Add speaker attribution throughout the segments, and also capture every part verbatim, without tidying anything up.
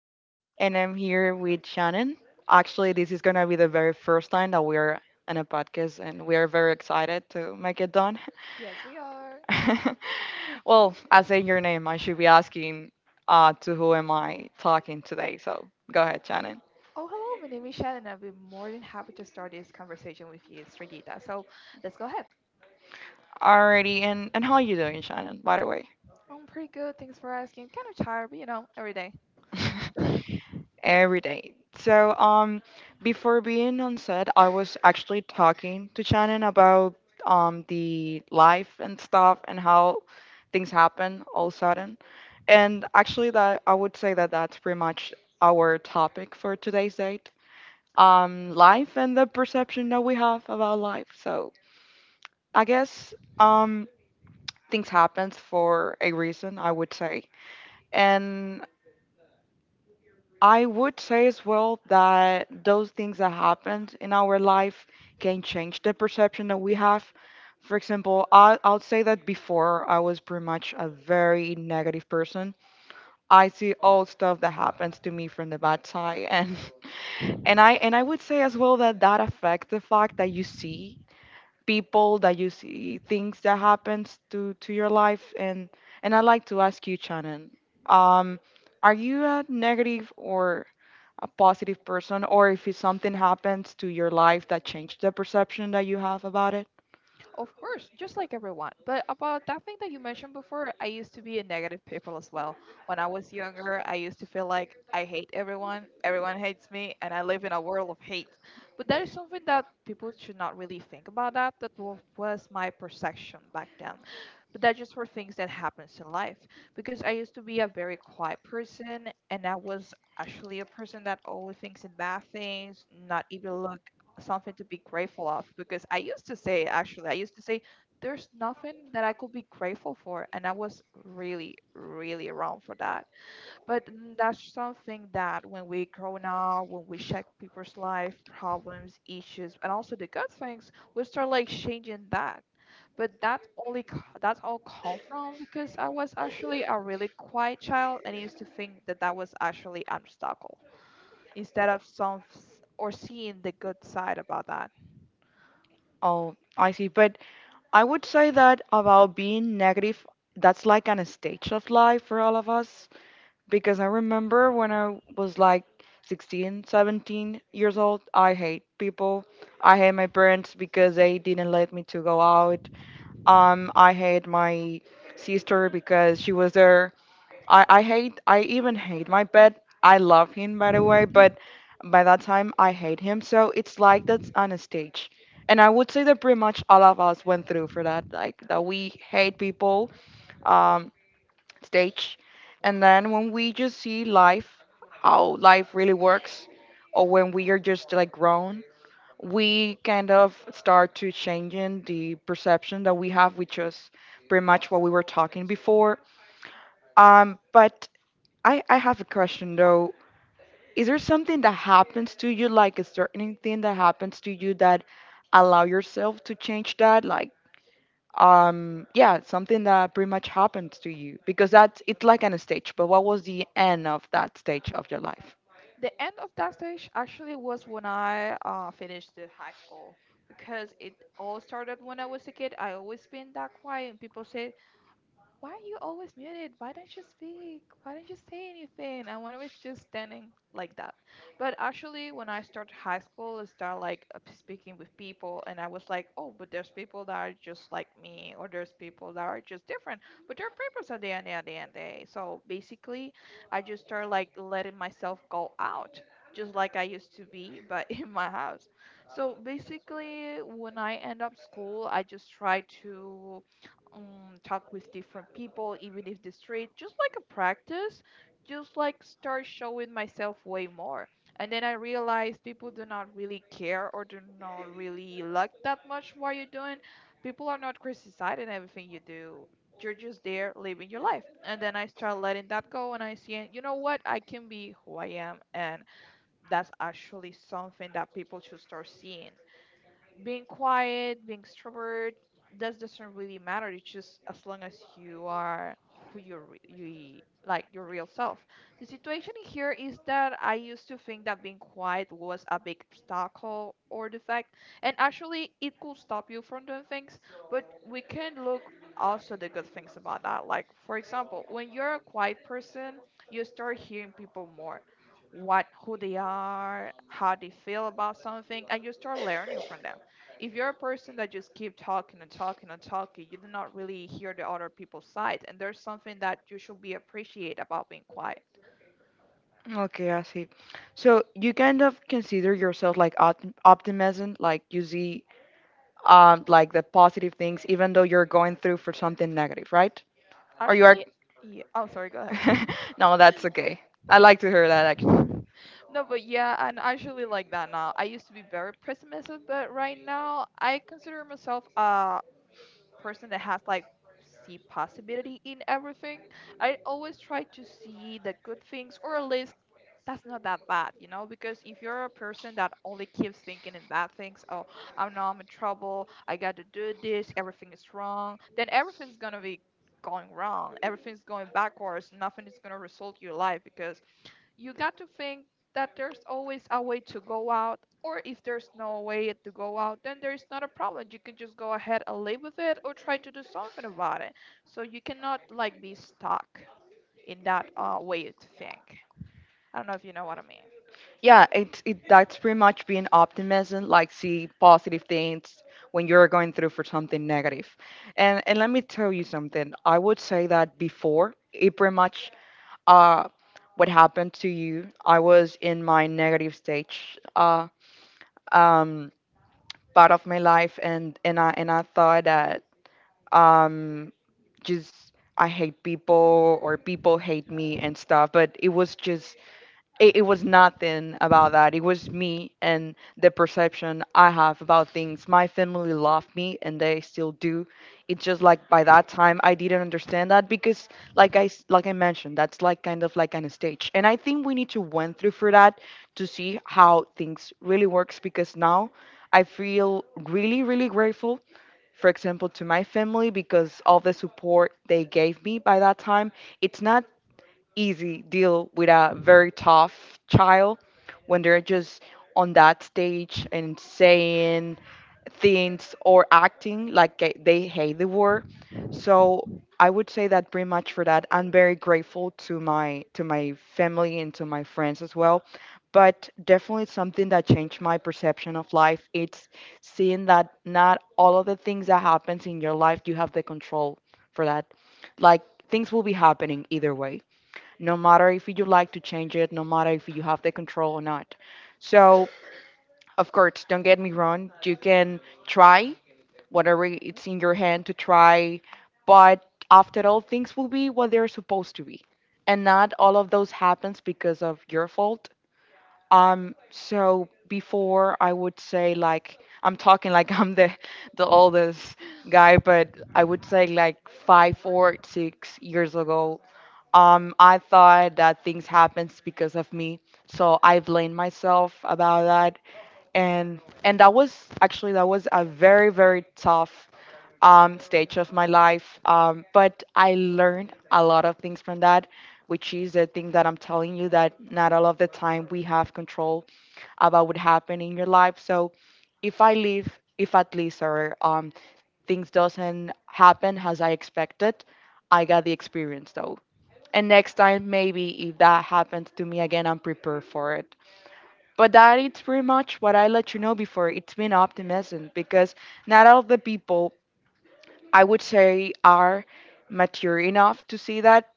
Speaker 1: and I'm here with Shannon. Actually, this is gonna be the very first time that we're in a podcast, and we are very excited to make it done.
Speaker 2: Yes, we are.
Speaker 1: Well, I say your name, I should be asking uh, to who am I talking today, so go ahead, Shannon.
Speaker 2: Oh, hello. My name is Shannon. I'll be more than happy to start this conversation with you, Strigita. So let's go ahead.
Speaker 1: Alrighty, and, and how are you doing, Shannon, by the way?
Speaker 2: I'm pretty good. Thanks for asking. Kind of tired, but you know, every day.
Speaker 1: Every day. So, um, before being on set, I was actually talking to Shannon about um the life and stuff and how things happen all sudden. And actually, that I would say that that's pretty much our topic for today's date. Um, life and the perception that we have about life. So, I guess um things happens for a reason, I would say. And I would say as well that those things that happened in our life can change the perception that we have. For example, I, I'll say that before I was pretty much a very negative person. I see all stuff that happens to me from the bad side, and and I and I would say as well that that affects the fact that you see people, that you see things that happens to to your life, and and I'd like to ask you, Shannon, um are you a negative or a positive person, or if it's something happens to your life that changed the perception that you have about it?
Speaker 2: Of course, just like everyone. But about that thing that you mentioned before, I used to be a negative people as well. When I was younger, I used to feel like I hate everyone, everyone hates me, and I live in a world of hate. But that is something that people should not really think about that. That wa- was my perception back then. But that's just for things that happens in life, because I used to be a very quiet person and I was actually a person that only thinks in bad things, not even look something to be grateful of, because I used to say, actually, I used to say there's nothing that I could be grateful for, and I was really really wrong for that. But mm, that's something that when we grow now, when we check people's life problems, issues, and also the good things, we start like changing that. But that only co- that's all come from because I was actually a really quiet child and used to think that that was actually obstacle instead of some s- or seeing the good side about that.
Speaker 1: Oh, I see. But I would say that about being negative, that's like an stage of life for all of us, because I remember when I was like sixteen, seventeen years old, I hate people. I hate my parents because they didn't let me to go out. Um, I hate my sister because she was there. I, I hate, I even hate my pet. I love him, by the way, but by that time I hate him. So it's like that's on a stage. And I would say that pretty much all of us went through for that, like that we hate people. Um stage And then, when we just see life, how life really works, or when we are just like grown, we kind of start to changing the perception that we have, which is pretty much what we were talking before. Um but i i have a question though. Is there something that happens to you, like a certain thing that happens to you, that allow yourself to change that, like, um yeah, something that pretty much happens to you, because that's it's like on a stage. But what was the end of that stage of your life?
Speaker 2: The end of that stage actually was when I uh, finished the high school, because it all started when I was a kid. I always been that quiet, and people say, why are you always muted? Why don't you speak? Why don't you say anything? And one was just standing like that. But actually, when I started high school, I started like uh, speaking with people, and I was like, oh, but there's people that are just like me, or there's people that are just different. But their papers at the end, at the end, day. So basically, I just started like letting myself go out, just like I used to be, but in my house. So basically, when I end up school, I just try to um, talk with different people, even if the street, just like a practice, just like start showing myself way more. And then I realized people do not really care or do not really like that much what you're doing. People are not criticizing everything you do. You're just there living your life. And then I start letting that go, and I see, you know what, I can be who I am. And that's actually something that people should start seeing: being quiet, being extrovert, that doesn't really matter. It's just as long as you are who you're, re- you, like, your real self. The situation here is that I used to think that being quiet was a big obstacle or defect, and actually it could stop you from doing things. But we can look also the good things about that. Like, for example, when you're a quiet person, you start hearing people more, what, who they are, how they feel about something, and you start learning from them. If you're a person that just keep talking and talking and talking, you do not really hear the other people's side, and there's something that you should be appreciate about being quiet.
Speaker 1: Okay, I see. So you kind of consider yourself like optim- optimism, like you see, um like the positive things even though you're going through for something negative, right? Or you are...
Speaker 2: Actually, yeah. Oh, sorry. Go
Speaker 1: No, that's okay, I like to hear that.
Speaker 2: ahead. No, but yeah, and actually like that now. I used to be very pessimistic, but right now I consider myself a person that has like see possibility in everything. I always try to see the good things, or at least that's not that bad, you know, because if you're a person that only keeps thinking in bad things, oh, I'm now I'm in trouble, I got to do this, everything is wrong, then everything's gonna be going wrong, everything's going backwards, nothing is gonna result your life, because you got to think that there's always a way to go out, or if there's no way to go out, then there's not a problem. You can just go ahead and live with it or try to do something about it. So you cannot like be stuck in that uh, way to think. I don't know if you know what I mean.
Speaker 1: Yeah, it's it that's pretty much being optimism, like, see positive things when you're going through for something negative. And and let me tell you something. I would say that before it pretty much uh what happened to you, I was in my negative stage, uh um part of my life, and and I and I thought that um just I hate people or people hate me and stuff, but it was just it, it was nothing about that. It was me and the perception I have about things. My family loved me and they still do. It's just like by that time I didn't understand that because like I s- like I mentioned, that's like kind of like on a stage. And I think we need to went through for that to see how things really works, because now I feel really, really grateful, for example, to my family, because all the support they gave me by that time, it's not easy deal with a very tough child when they're just on that stage and saying things or acting like they they hate the war. So I would say that pretty much for that. I'm very grateful to my to my family and to my friends as well. But definitely something that changed my perception of life. It's seeing that not all of the things that happens in your life you have the control for that. Like, things will be happening either way, no matter if you like to change it, no matter if you have the control or not. So, of course, don't get me wrong, you can try whatever it's in your hand to try, but after all, things will be what they're supposed to be. And not all of those happens because of your fault. Um, so before I would say like I'm talking like I'm the the oldest guy, but I would say like five, four, six years ago, um, I thought that things happens because of me, so I blamed myself about that, and and that was actually that was a very, very tough, um, stage of my life. Um, but I learned a lot of things from that, which is the thing that I'm telling you that not all of the time we have control about what happened in your life. So if I leave, if at least, or, um, things doesn't happen as I expected, I got the experience though. And next time, maybe if that happens to me again, I'm prepared for it. But that is pretty much what I let you know before. It's been optimism because not all the people, I would say, are mature enough to see that,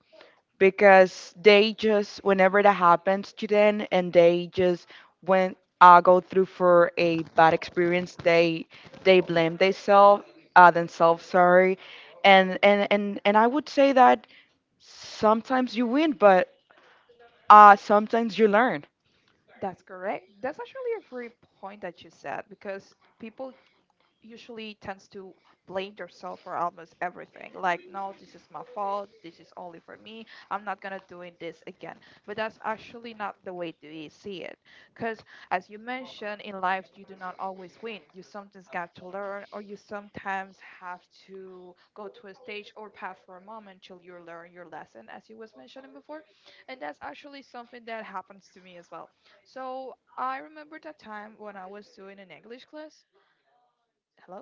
Speaker 1: because they just whenever that happens to them and they just when, uh, go through for a bad experience, they they blame themselves, uh, themselves, sorry, and and and and I would say that sometimes you win, but uh sometimes you learn.
Speaker 2: That's correct. That's actually a great point that you said, because people usually tends to blame themselves for almost everything. Like, no, this is my fault. This is only for me. I'm not gonna doing this again. But that's actually not the way to e- see it, because, as you mentioned, in life you do not always win. You sometimes got to learn, or you sometimes have to go to a stage or path for a moment till you learn your lesson, as you was mentioning before. And that's actually something that happens to me as well. So I remember that time when I was doing an English class. Hello.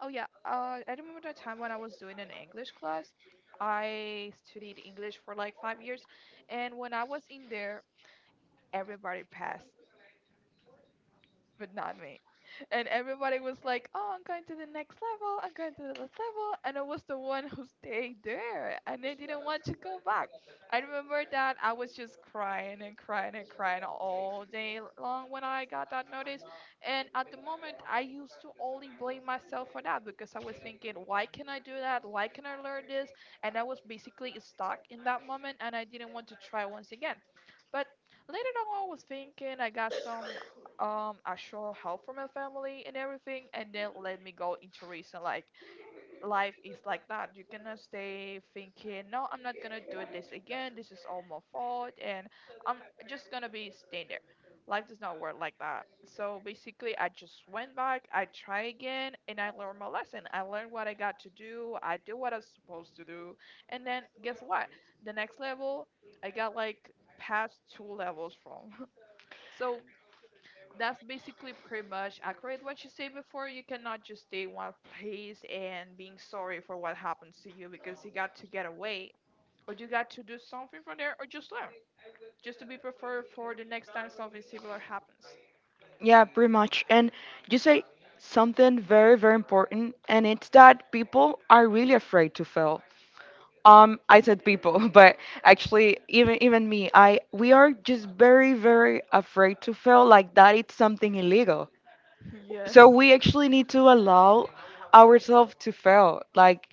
Speaker 2: Oh yeah, uh, I remember the time when I was doing an English class. I studied English for like five years, and when I was in there, everybody passed but not me. And everybody was like, "Oh, I'm going to the next level. I'm going to the next level." And I was the one who stayed there, and I didn't want to go back. I remember that I was just crying and crying and crying all day long when I got that notice. And at the moment, I used to only blame myself for that, because I was thinking, "Why can I do that? Why can I learn this?" And I was basically stuck in that moment, and I didn't want to try once again. But later on, I was thinking, I got some um I sure help from my family and everything, and then let me go into reason, like, life is like that. You cannot stay thinking, no, I'm not gonna do this again, this is all my fault and I'm just gonna be staying there. Life does not work like that. So basically I just went back, I try again and I learned my lesson. I learned what I got to do, I do what I was supposed to do, and then guess what? The next level I got like past two levels from. So that's basically pretty much accurate what you said before. You cannot just stay in one place and being sorry for what happens to you, because you got to get away or you got to do something from there or just learn. Just to be prepared for the next time something similar happens.
Speaker 1: Yeah, pretty much. And you say something very, very important, and it's that people are really afraid to fail. Um I said people, but actually, even even me, I we are just very, very afraid to fail, like that it's something illegal.
Speaker 2: Yes,
Speaker 1: So we actually need to allow ourselves to fail, like,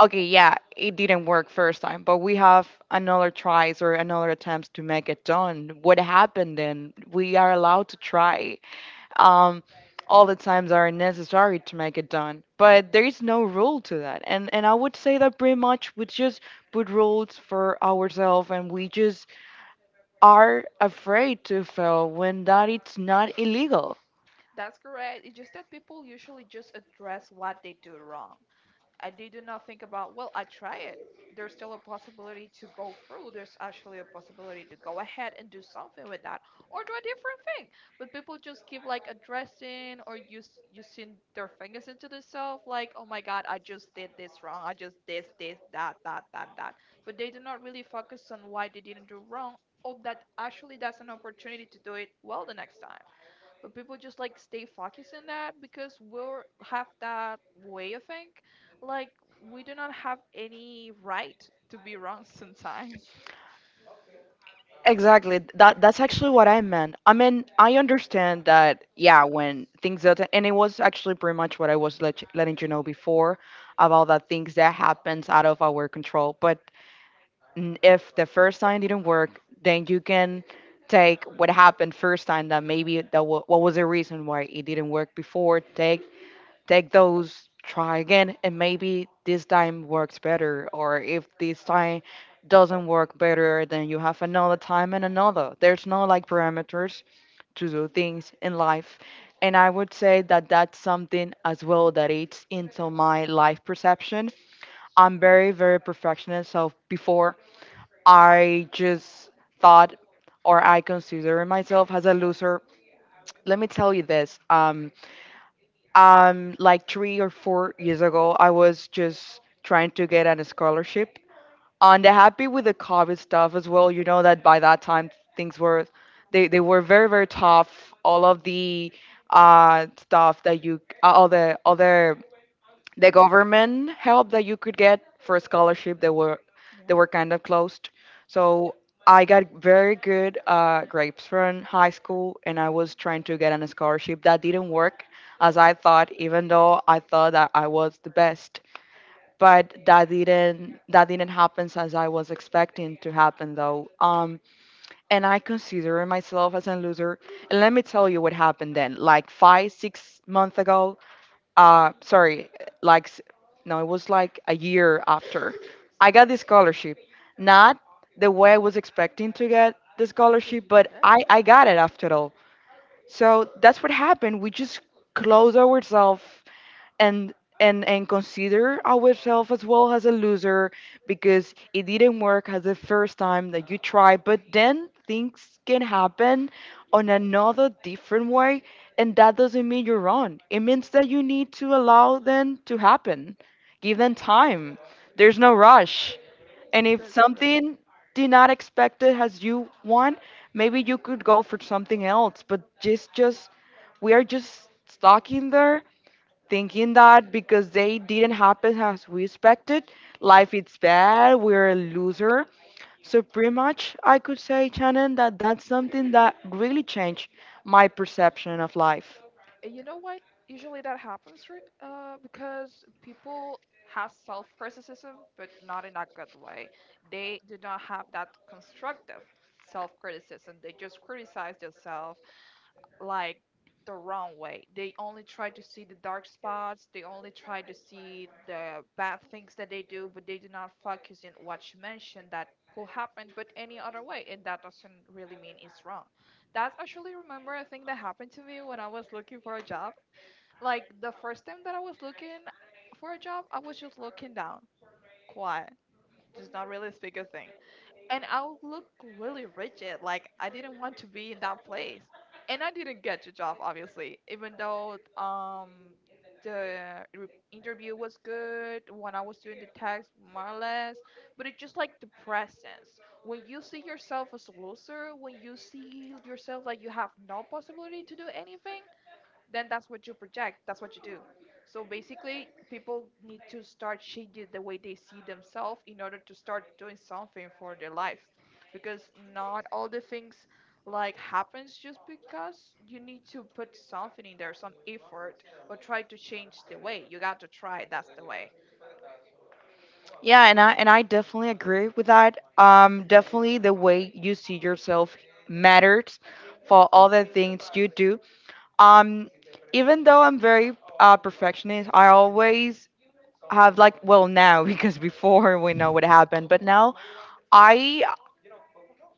Speaker 1: okay, yeah, it didn't work first time, but we have another tries or another attempts to make it done. What happened then? We are allowed to try. Um, all the times are necessary to make it done, but there is no rule to that. And and I would say that pretty much we just put rules for ourselves, and we just are afraid to fail when that it's not illegal.
Speaker 2: that's correct. It's just that people usually just address what they do wrong. I, they do not think about, well, I try it. There's still a possibility to go through. There's actually a possibility to go ahead and do something with that, or do a different thing. But people just keep like addressing or use using their fingers into themselves like, oh my God, I just did this wrong. I just this, this, that, that, that, that. But they do not really focus on why they didn't do wrong, or that actually that's an opportunity to do it well the next time. But people just like stay focused on that because we'll have that way of think, like, we do not have any right to be wrong sometimes.
Speaker 1: Exactly. That that's actually what I meant. I mean, I understand that. Yeah, when things that and it was actually pretty much what I was let, letting you know before about the things that happens out of our control. But n- if the first time didn't work, then you can take what happened first time that maybe that wa what was the reason why it didn't work before. Take take those, try again, and maybe this time works better. Or if this time doesn't work better, then you have another time and another. There's no like parameters to do things in life. And I would say that that's something as well that eats into my life perception. I'm very, very perfectionist. So before, I just thought or I consider myself as a loser. Let me tell you this. Um, um, like three or four years ago, I was just trying to get a scholarship. And they're happy with the COVID stuff as well. You know that by that time things were, they, they were very, very tough. All of the uh stuff that you, uh, all the other the government help that you could get for a scholarship they were
Speaker 2: Yeah.
Speaker 1: they were kind of closed. So I got very good uh, grades from high school, and I was trying to get on a scholarship. That didn't work as I thought, even though I thought that I was the best. But that didn't that didn't happen as I was expecting to happen though. Um and I consider myself as a loser. And let me tell you what happened then, like five six months ago. Uh sorry, like s- no, it was like a year after I got the scholarship, not the way I was expecting to get the scholarship, but
Speaker 2: Did
Speaker 1: i i got it after all. So that's what happened. We just closed ourselves, and and and consider ourselves as well as a loser, because it didn't work as the first time that you try. But then things can happen on another different way, and that doesn't mean you're wrong. It means that you need to allow them to happen, give them time. There's no rush. And if
Speaker 2: that's correct.
Speaker 1: something did not expect it as you want, maybe you could go for something else. But just just we are just stuck in there thinking that because they didn't happen as we expected, life is bad, we're a loser. So pretty much I could say, Shannon, that that's something that really changed my perception of life.
Speaker 2: And you know what, usually that happens, right? Uh, because people have self-criticism but not in a good way. They do not have that constructive self-criticism, they just criticize themselves like the wrong way. They only try to see the dark spots, they only try to see the bad things that they do, but they do not focus in what you mentioned, that could happen but any other way, and that doesn't really mean it's wrong. That's actually remember a thing that happened to me when I was looking for a job. Like the first time that I was looking for a job, I was just looking down, quiet, just not really speak a thing, and I would look really rigid. Like, I didn't want to be in that place, and I didn't get the job, obviously. Even though um the re- interview was good when I was doing the text, more or less. But it's just like the presence. When you see yourself as a loser, when you see yourself like you have no possibility to do anything, then that's what you project, that's what you do. So basically people need to start changing the way they see themselves in order to start doing something for their life, because not all the things like happens just because you need to put something in there, some effort, or try to change the way you got to try. That's the way.
Speaker 1: Yeah, and I and I definitely agree with that. Um, definitely the way you see yourself matters for all the things you do. Um, Even though I'm very uh, perfectionist, I always have, like, well, now because before we know what happened, but now. I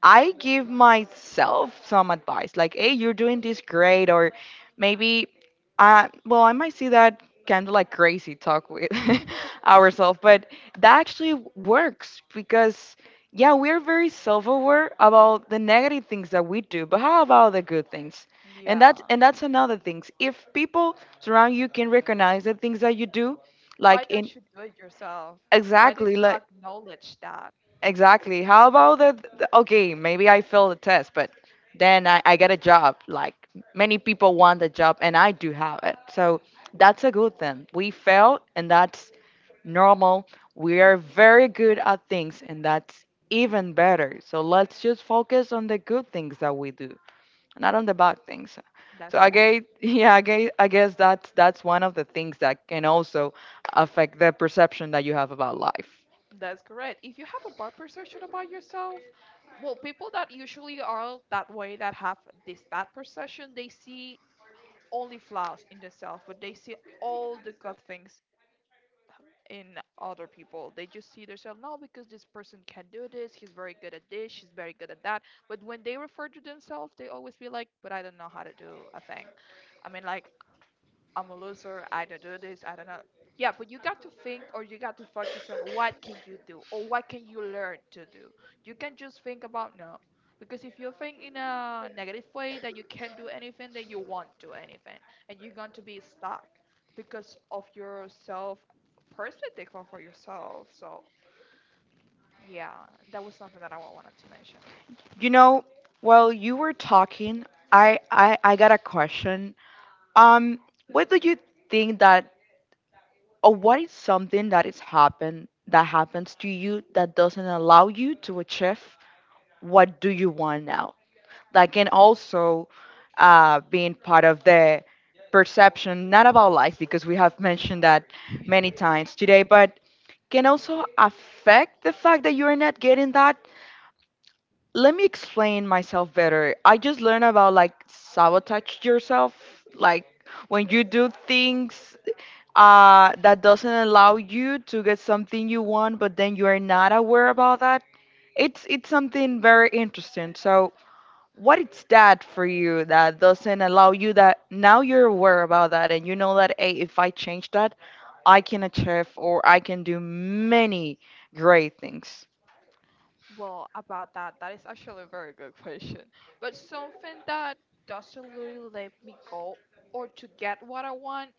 Speaker 1: I give myself some advice, like, "Hey, you're doing this great," or maybe, uh, well, I might see that kind of like crazy talk with ourselves, but that actually works because, yeah, we're very self-aware about the negative things that we do, but how about the good things? And that's
Speaker 2: Yeah.
Speaker 1: and that's another thing. If people surround you can recognize the things that you do,
Speaker 2: Why
Speaker 1: like in
Speaker 2: don't you do it yourself? Why don't
Speaker 1: exactly,
Speaker 2: you
Speaker 1: like
Speaker 2: acknowledge that?
Speaker 1: exactly. How about that? Okay, maybe I fail the test, but then I, I get a job. Like many people want the job, and I do have it. So that's a good thing. We fail, and that's normal. We are very good at things, and that's even better. So let's just focus on the good things that we do, not on the bad things. So
Speaker 2: that's
Speaker 1: I guess, yeah, I guess, I guess that's that's one of the things that can also affect the perception that you have about life.
Speaker 2: That's correct. If you have a bad perception about yourself, well, people that usually are that way that have this bad perception, they see only flaws in themselves, but they see all the good things in other people. They just see themselves, no, because this person can do this, he's very good at this, she's very good at that. But when they refer to themselves, they always be like, but I don't know how to do a thing. I mean, like, I'm a loser. I don't do this. I don't know. Yeah, but you got to think or you got to focus on what can you do or what can you learn to do. You can just think about no. Because if you think in a negative way that you can't do anything, then you won't do anything. And you're going to be stuck because of your self perspective or for yourself. So yeah, that was something that I wa- wanted to mention.
Speaker 1: You know, while you were talking, I I, I got a question. Um, what do you think that, or what is something that is happened that happens to you that doesn't allow you to achieve what do you want now? Like, and also, uh, being part of the perception, not about life because we have mentioned that many times today, but can also affect the fact that you're not getting that. Let me explain myself better. I just learned about like sabotage yourself, like when you do things uh, that doesn't allow you to get something you want, but then you are not aware about that. It's it's something very interesting. So what is that for you that doesn't allow you that now you're aware about that, and you know that, hey, if I change that, I can achieve or I can do many great things.
Speaker 2: Well, about that, that is actually a very good question. But something that doesn't really let me go or to get what I want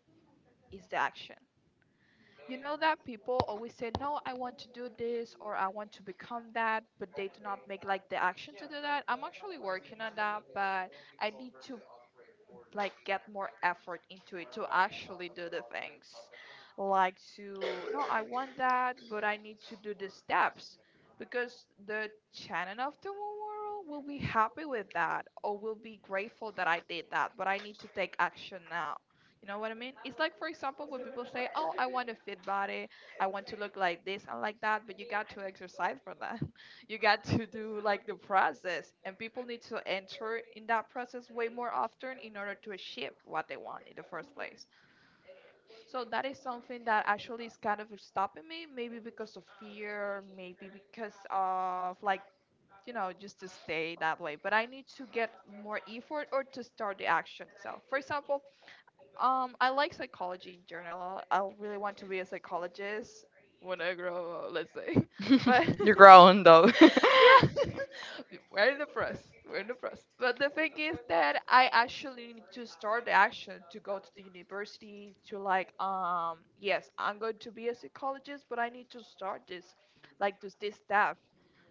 Speaker 2: is the action. You know that people always say, no, I want to do this or I want to become that, but they do not make like the action to do that. I'm actually working on that, but I need to like get more effort into it to actually do the things, like to, no, I want that, but I need to do the steps, because the channel of tomorrow will be happy with that or will be grateful that I did that, but I need to take action now. You know what I mean? It's like, for example, when people say, oh, I want a fit body, I want to look like this and like that, but you got to exercise for that. You got to do like the process, and people need to enter in that process way more often in order to achieve what they want in the first place. So that is something that actually is kind of stopping me, maybe because of fear, maybe because of like, you know, just to stay that way, but I need to get more effort or to start the action itself. For example, um I like psychology in general. I really want to be a psychologist when I grow up, let's say. But
Speaker 1: You're grown though.
Speaker 2: yeah. We're in the press. We're in the press. But the thing is that I actually need to start the action to go to the university, to like, um yes, I'm going to be a psychologist, but I need to start this, like this this stuff.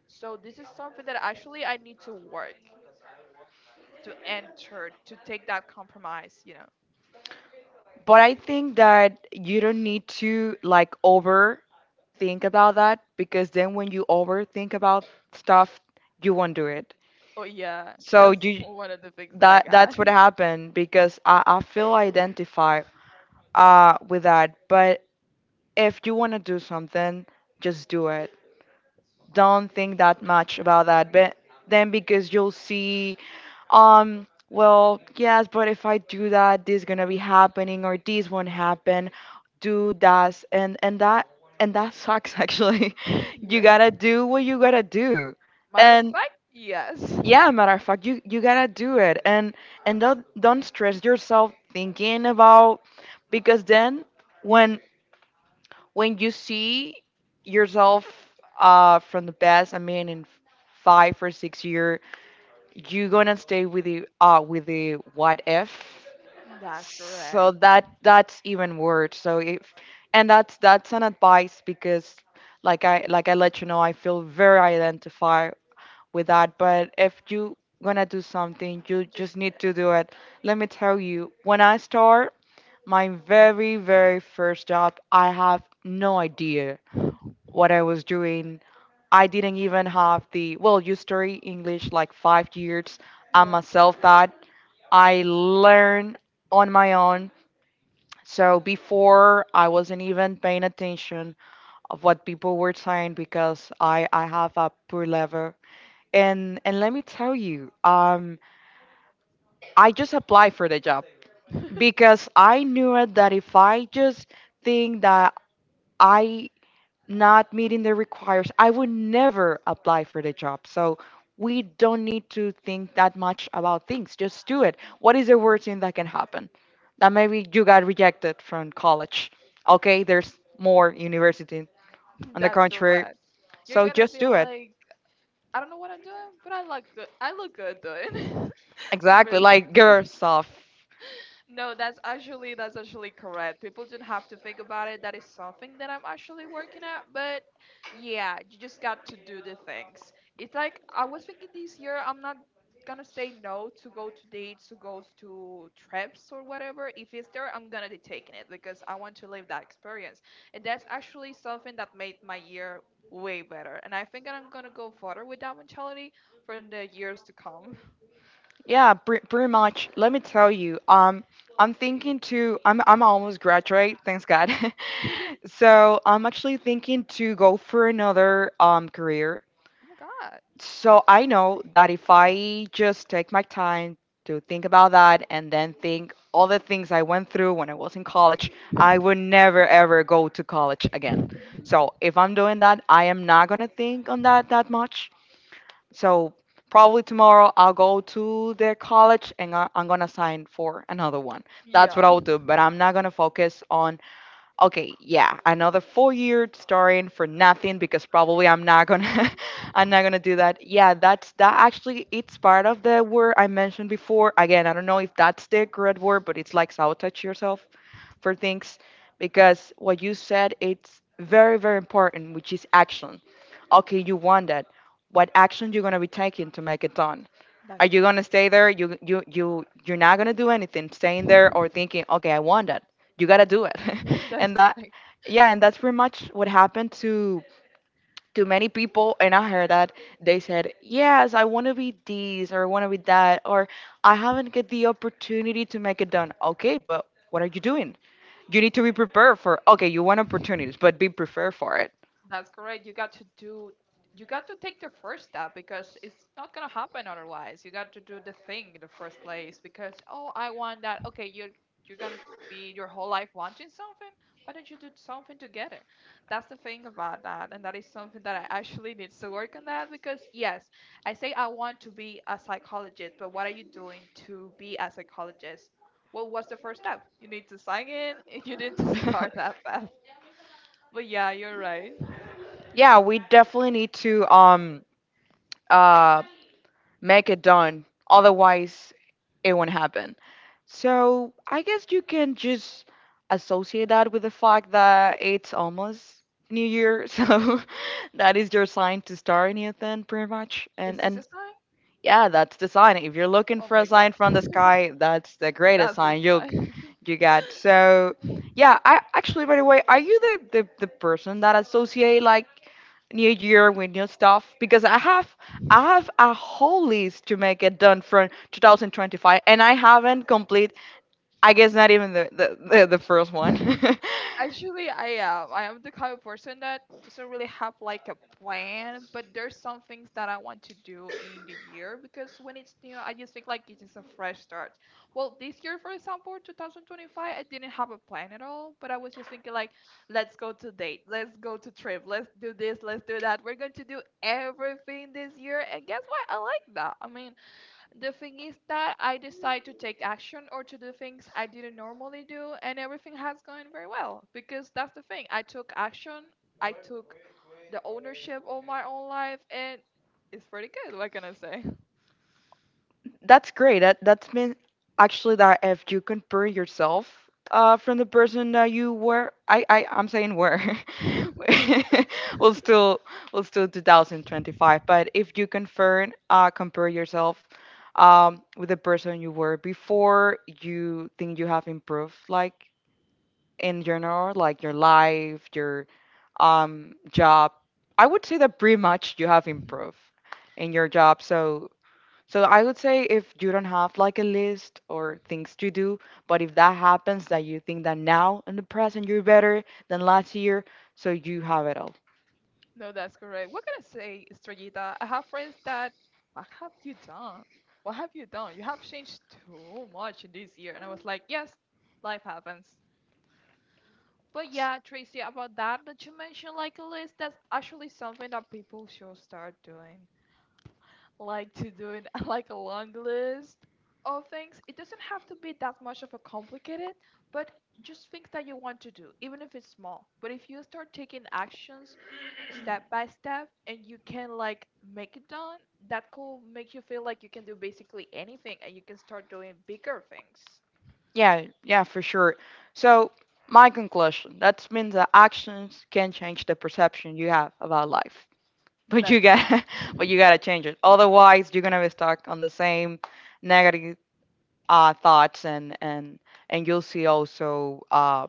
Speaker 2: So this is something that actually I need to work, to enter, to take that compromise, you know.
Speaker 1: But I think that you don't need to like overthink about that, because then when you overthink about stuff, you won't do it.
Speaker 2: Oh yeah,
Speaker 1: So
Speaker 2: that's
Speaker 1: you
Speaker 2: one of the things that I
Speaker 1: that
Speaker 2: got.
Speaker 1: that's what happened, because I, I feel identified uh with that. But if you wanna do something, just do it. Don't think that much about that. But then because you'll see Um, well, yes, but if I do that, this gonna be happening or this won't happen. Do that and and that and that sucks actually. You
Speaker 2: Yeah,
Speaker 1: gotta do what you gotta do.
Speaker 2: matter of
Speaker 1: And
Speaker 2: fact, yes.
Speaker 1: yeah, matter of fact, you you gotta do it, and and don't don't stress yourself thinking about, because then when when you see yourself uh from the past, I mean in five or six years you're gonna stay with the uh with the what if.
Speaker 2: That's
Speaker 1: So
Speaker 2: correct.
Speaker 1: that that's even worse. So if and that's that's an advice, because like i like i let you know, I feel very identified with that. But if you gonna do something, you
Speaker 2: Just
Speaker 1: just need to do it. Let me tell you, when I start my very very first job, I have no idea what I was doing. I didn't even have the, well, you study English like five years. I'm
Speaker 2: yeah.
Speaker 1: a self taught. I learn on my own. So before I wasn't even paying attention of what people were saying, because I, I have a poor level. And and let me tell you, um, I just applied for the job, because I knew it that if I just think that I not meeting the requires, I would never apply for the job. So we don't need to think that much about things. Just do it. What is the worst thing that can happen? That maybe you got rejected from college. Okay, there's more university, on the
Speaker 2: That's
Speaker 1: contrary.
Speaker 2: correct. You're
Speaker 1: So
Speaker 2: gonna
Speaker 1: just
Speaker 2: be
Speaker 1: do it.
Speaker 2: like, I don't know what I'm doing, but I look good. I look good doing,
Speaker 1: Exactly, like girl
Speaker 2: basically.
Speaker 1: stuff.
Speaker 2: No, that's actually, that's actually correct. People don't have to think about it. That is something that I'm actually working at. But yeah, you just got to do the things. It's like I was thinking this year I'm not gonna say no to go to dates, to go to trips or whatever. If it's there, I'm gonna be taking it because I want to live that experience. And that's actually something that made my year way better. And I think that I'm gonna go further with that mentality for the years to come.
Speaker 1: Yeah, pre- pretty much. Let me tell you. Um, I'm thinking to. I'm I'm almost graduate, thanks God. So I'm actually thinking to go for another um career.
Speaker 2: Oh my god.
Speaker 1: So I know that if I just take my time to think about that, and then think all the things I went through when I was in college, I would never ever go to college again. So if I'm doing that, I am not going to think on that that much. So probably tomorrow I'll go to the college, and I- I'm going to sign for another one. That's what
Speaker 2: Yeah.
Speaker 1: I'll do, but I'm not going to focus on okay, yeah, another four year starring for nothing, because probably I'm not gonna I'm not gonna do that. Yeah, that's that actually it's part of the word I mentioned before. Again, I don't know if that's the correct word, but it's like sabotage yourself for things, because what you said it's very, very important, which is action. Okay, you want that. What action you're gonna be taking to make it done? Are
Speaker 2: That's
Speaker 1: you
Speaker 2: good.
Speaker 1: gonna stay there? You you you you're not gonna do anything staying there, or thinking, okay, I want that. You gotta do it,
Speaker 2: That's
Speaker 1: and that
Speaker 2: correct.
Speaker 1: yeah, and that's pretty much what happened to to many people. And I heard that they said, yes, I want to be this, or I want to be that, or I haven't get the opportunity to make it done. Okay, but what are you doing? You need to be prepared for. Okay, you want opportunities, but be prepared for it.
Speaker 2: That's correct. You got to do, you got to take the first step because it's not gonna happen otherwise. You got to do the thing in the first place because, oh, I want that. Okay, you're you're gonna be your whole life wanting something. Why don't you do something to get it? That's the thing about that, and that is something that I actually need to work on that because yes, I say I want to be a psychologist, but what are you doing to be a psychologist? Well, what's the first step? You need to sign in and you need to start that path. But yeah, you're right.
Speaker 1: Yeah, we definitely need to um uh, make it done. Otherwise, it won't happen. So I guess you can just associate that with the fact that it's almost New Year, so that is your sign to start a new thing, pretty much.
Speaker 2: Is
Speaker 1: And
Speaker 2: this a
Speaker 1: and
Speaker 2: sign?
Speaker 1: yeah, that's the sign. If you're looking
Speaker 2: Oh
Speaker 1: for a
Speaker 2: my god.
Speaker 1: sign from the sky, that's the greatest
Speaker 2: That's the
Speaker 1: sign you'll
Speaker 2: sign.
Speaker 1: you get. So yeah, I actually, by the way, are you the, the, the person that associate like New Year with new stuff? Because I have I have a whole list to make it done for twenty twenty-five, and I haven't complete, I guess, not even the the, the, the first one.
Speaker 2: Actually, I am. I am the kind of person that doesn't really have like a plan, but there's some things that I want to do in the year because when it's new, I just think like it's just a fresh start. Well, this year, for example, twenty twenty-five, I didn't have a plan at all, but I was just thinking like, let's go to date, let's go to trip, let's do this, let's do that. We're going to do everything this year, and guess what? I like that. I mean, the thing is that I decide to take action or to do things I didn't normally do, and everything has gone very well because that's the thing. I took action, I took the ownership of my own life, and it's pretty good. What can I say?
Speaker 1: That's great. That that's mean actually that if you compare yourself uh from the person that you were, I I I'm saying were, well still well still twenty twenty-five. But if you compare uh compare yourself um with the person you were before, you think you have improved, like in general, like your life, your um job. I would say that pretty much you have improved in your job. So so I would say if you don't have like a list or things to do, but if that happens that you think that now in the present you're better than last year, so you have it all.
Speaker 2: No, that's correct. What can I say, Estrellita? I have friends that, what have you done? What have you done? You have changed too much in this year. And I was like, yes, life happens. But yeah, Tracy, about that that you mentioned, like a list, that's actually something that people should start doing. Like to do it, like a long list of things. It doesn't have to be that much of a complicated, but just things that you want to do, even if it's small. But if you start taking actions step by step and you can like make it done, that could make you feel like you can do basically anything and you can start doing bigger things.
Speaker 1: Yeah, yeah, for sure. So my conclusion, that means that actions can change the perception you have about life. But you
Speaker 2: That's
Speaker 1: got but you gotta change it. Otherwise you're gonna be stuck on the same negative uh, thoughts, and and and you'll see also uh,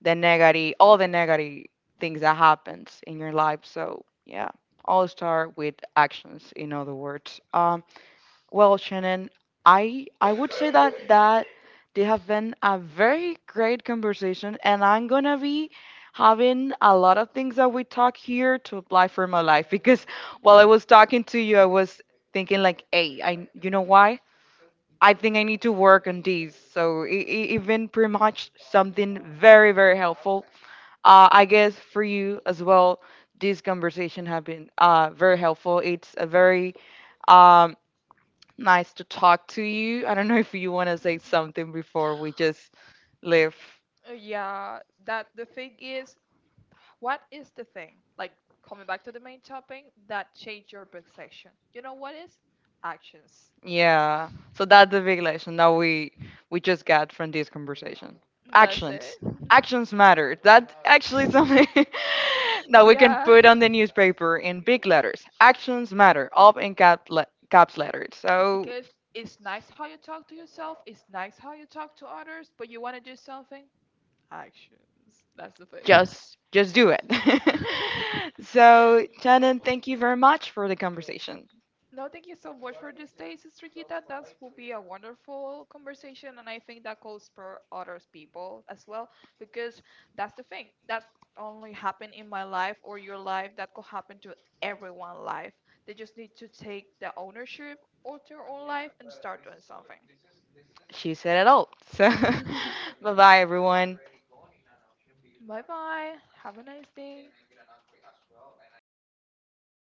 Speaker 1: the negative, all the negative things that happens in your life. So yeah, all start with actions, in other words. Um, well, Shannon, i i would say that that they have been a very great conversation, and I'm gonna be having a lot of things that we talk here to apply for my life, because while I was talking to you, I was thinking like, hey, I you know why I think I need to work on these. So e- e- even pretty much something very very helpful. Uh, I guess for you as well, this conversation have been uh very helpful. It's a very um nice to talk to you. I don't know if you want to say something before we just leave.
Speaker 2: yeah, that the thing is, what is the thing, like coming back to the main topic, that changed your perception? You know what is? Actions.
Speaker 1: Yeah. So that's the big lesson that we we just got from this conversation.
Speaker 2: That's it.
Speaker 1: Actions. Actions matter. That's actually something that we can
Speaker 2: Yeah.
Speaker 1: put on the newspaper in big letters. Actions matter, all in cap le caps letters. So
Speaker 2: Because it's nice how you talk to yourself, it's nice how you talk to others, but you want to do something? Actions. That's the thing.
Speaker 1: just just do it. So Shannon, thank you very much for the conversation.
Speaker 2: No, thank you so much for this day, Sister Gita. That will be a wonderful conversation, and I think that could spur others people as well, because that's the thing. That's only happened in my life or your life. That could happen to everyone's life. They just need to take the ownership of their own life and start doing something.
Speaker 1: She said it all. So, bye bye, everyone.
Speaker 2: Bye bye. Have a nice day.